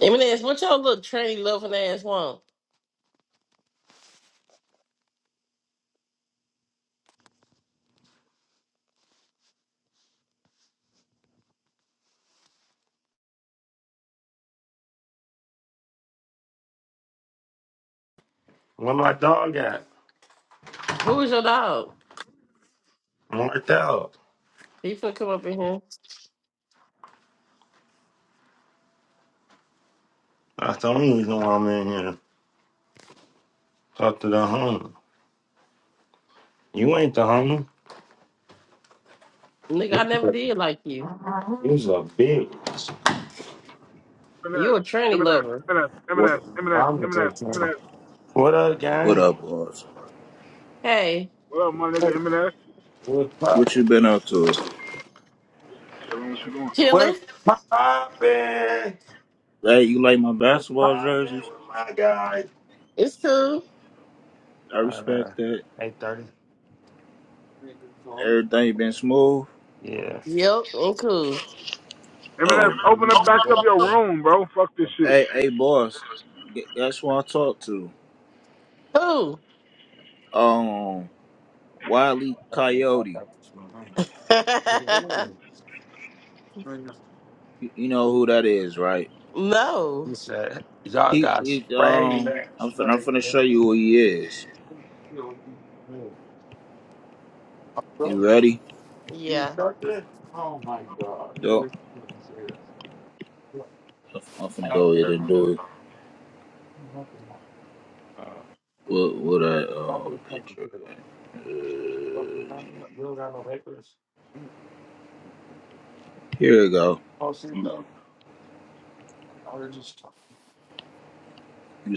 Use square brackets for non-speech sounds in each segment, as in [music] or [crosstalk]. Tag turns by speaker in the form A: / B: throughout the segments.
A: Eminems, what your little tranny loving ass want?
B: Where my dog at?
A: Who is your dog?
B: I'm worked out.
A: He finna come up in here.
B: That's the only reason why I'm in here. Talk to the homie. You ain't the homie.
A: Nigga, I never did like you.
B: You's a bitch.
A: You
C: M&S,
A: a tranny
C: M&S,
A: lover.
C: and s M and
D: What
C: s
D: up?
C: M and s M
B: Mama's
C: and s M and
B: a
C: s M and
B: time.
C: S.
B: What up,
D: what
B: gang?
D: up, boss?
A: Hey,
C: What up, my nigga M&S?
B: What's
D: What you
B: poppin'?
D: been up to?
C: Shit, chillin', what you doing?
A: chillin'.
B: What's poppin'?
D: Hey, you like my
B: What's
D: basketball
B: poppin'
D: jerseys?
B: with my guy?
A: It's cool.
D: I
B: Uh,
D: respect that.
B: 8.30.
D: Everything been smooth.
B: Yeah.
A: Yep, and cool.
D: Oh,
C: M&S, open up back up your room, bro. Fuck this shit.
D: hey, hey, boss. gu- Guess who I talked to?
A: Who?
D: Um, Wiley Coyote.
A: [laughs]
B: Yeah.
D: You, you know who that is, right?
A: no.
B: He said, Y'all
D: He,
B: got
D: he
B: sprayed
D: um, I'm
B: last
D: finna, I'm
B: night.
D: finna show
B: man."
D: you who he is. You
B: Bro,
D: ready?
B: you
A: Yeah.
B: got this? Oh my God.
D: Yo,
B: I-
D: I'm I'm finna go ahead and do it.
B: Uh,
D: What, what I, uh, picture? Uh,
B: Real got no papers.
D: here we go.
B: Oh, see,
D: You
B: though, I was just talking.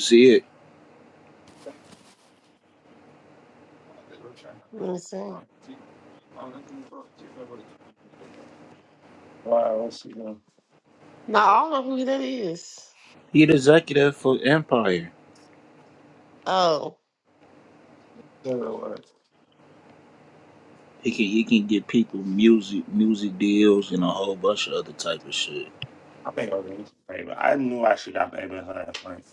D: see it?
B: Uh, They were trying to be.
A: Let me see.
B: Honestly, bro, see, nobody- Wow, I see them.
A: No, I don't know who that is.
D: He the executive for Empire.
A: Oh.
D: He can he can get people music music deals and a whole bunch of other type of shit.
B: I think I was in favor. I knew I should got baby her at night.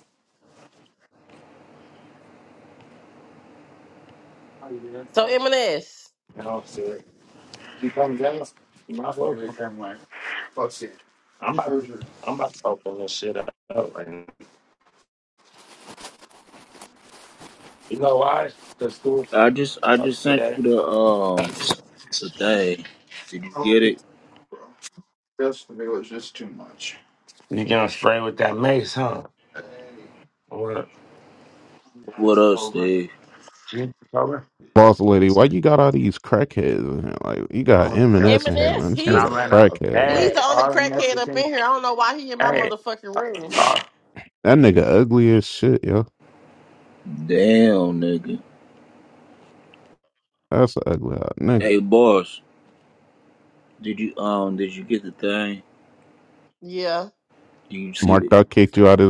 B: Oh, you did?
A: So
B: Oh.
A: Eminems.
B: No, sir. You come down? You might as well be like fuck shit. I'm about, I'm about to open this shit up right now. You know why? The school
D: I just I
B: starts
D: just sent
B: today.
D: you the uh
B: I
D: the thing. Did you get
B: hope
D: it?
B: it's bro. Yesterday was just too much. You getting sprayed with that mace, huh? Hey, What?
D: What
B: it's
D: up,
B: over.
D: Steve?
B: You cover?
E: boss lady, why you got all these crackheads in here? Like, you
B: I
E: got
B: went
E: M and S in here,
B: downstairs
E: man.
A: Eminems,
E: This
B: and
A: he's
B: I
E: nigga a
B: ran
A: there.
B: up a
E: crackhead, bro.
A: He's the
B: bag.
A: only
B: All the
A: crackhead up in
B: messaging.
A: here. I don't know why he in my
B: Hey.
A: motherfucking
B: Uh,
A: room.
B: uh,
E: That nigga ugly as shit, yo.
D: Damn nigga.
E: That's an ugly hot nigga.
D: Hey boss, did you um did you get the thing?
A: Yeah.
D: Did you see it?
E: Marked out kicked you out of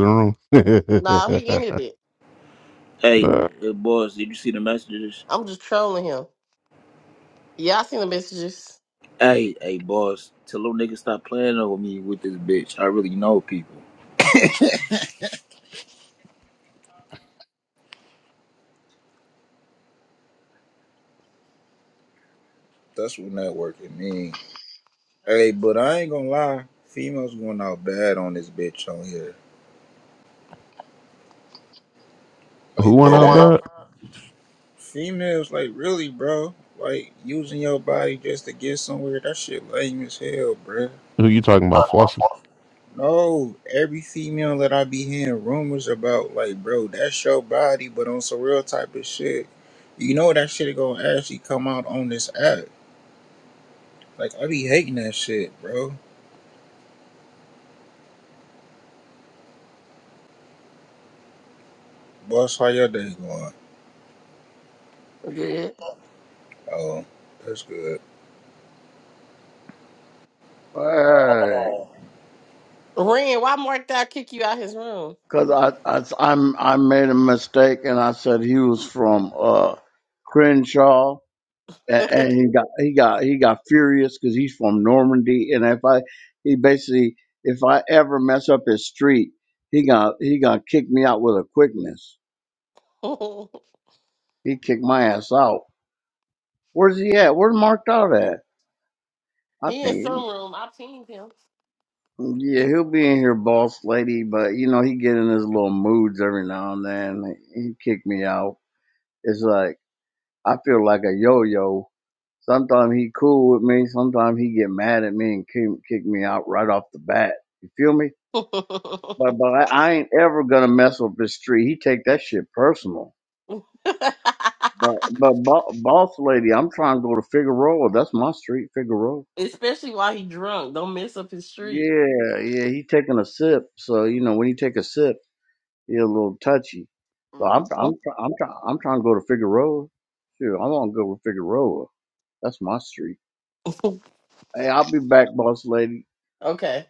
A: Nah, he
E: the room. [laughs]
A: ended it.
D: Hey,
E: Uh,
D: hey boss, did you see the messages?
A: I'm just trolling him. Yeah, I seen the messages.
D: Hey, hey boss, tell them niggas stop playing over me with this bitch. I really know people. That's what networking means. Hey, but I ain't gonna lie, females going out bad on this bitch on here.
E: Who
D: Like dead
E: went
D: Going
E: out
D: ass.
E: bad?
D: up. Females like really, bro. Like using your body just to get somewhere. That shit lame as hell, bro.
E: Who you talking about, Flossy?
D: No, every female that I be hearing rumors about, like, bro, that's your body, but on some real type of shit. You know that shit gonna actually come out on this app. Like I be hating that shit, bro. Boss, how your day going?
A: Good.
D: Oh, that's good.
F: Right.
A: Ren, why Mark Dow kick you out his room?
F: Cause I, I, I'm, I made a mistake and I said he was from, uh, Crenshaw and, and
A: [laughs]
F: he got, he got, he got furious cause he's from Normandy. And if I, he basically, if I ever mess up his street, he got, he gonna kick me out with a quickness. He kicked my ass out. Where's he at? Where's marked out at? I
A: he in
F: think,
A: some room. I pinged him.
F: yeah, he'll be in here, boss lady, but you know, he get in his little moods every now and then. He kicked me out. It's like, I feel like a yo-yo. Sometimes he cool with me. Sometimes he get mad at me and kick, kick me out right off the bat. You feel me? But but I, I ain't ever gonna mess with this tree. He take that shit personal. But
A: [laughs]
F: but bo- boss lady, I'm trying to go to Figueroa. That's my street, Figueroa.
A: Especially while he drunk. Don't mess up his street.
F: Yeah yeah. He taking a sip, so you know when he take a sip, he a little touchy. So I'm
A: Mhm.
F: I'm try- I'm try- I'm trying to go to Figueroa. Shoot, I want to go to Figueroa. That's my street. Hey, I'll be back, boss lady.
A: Okay.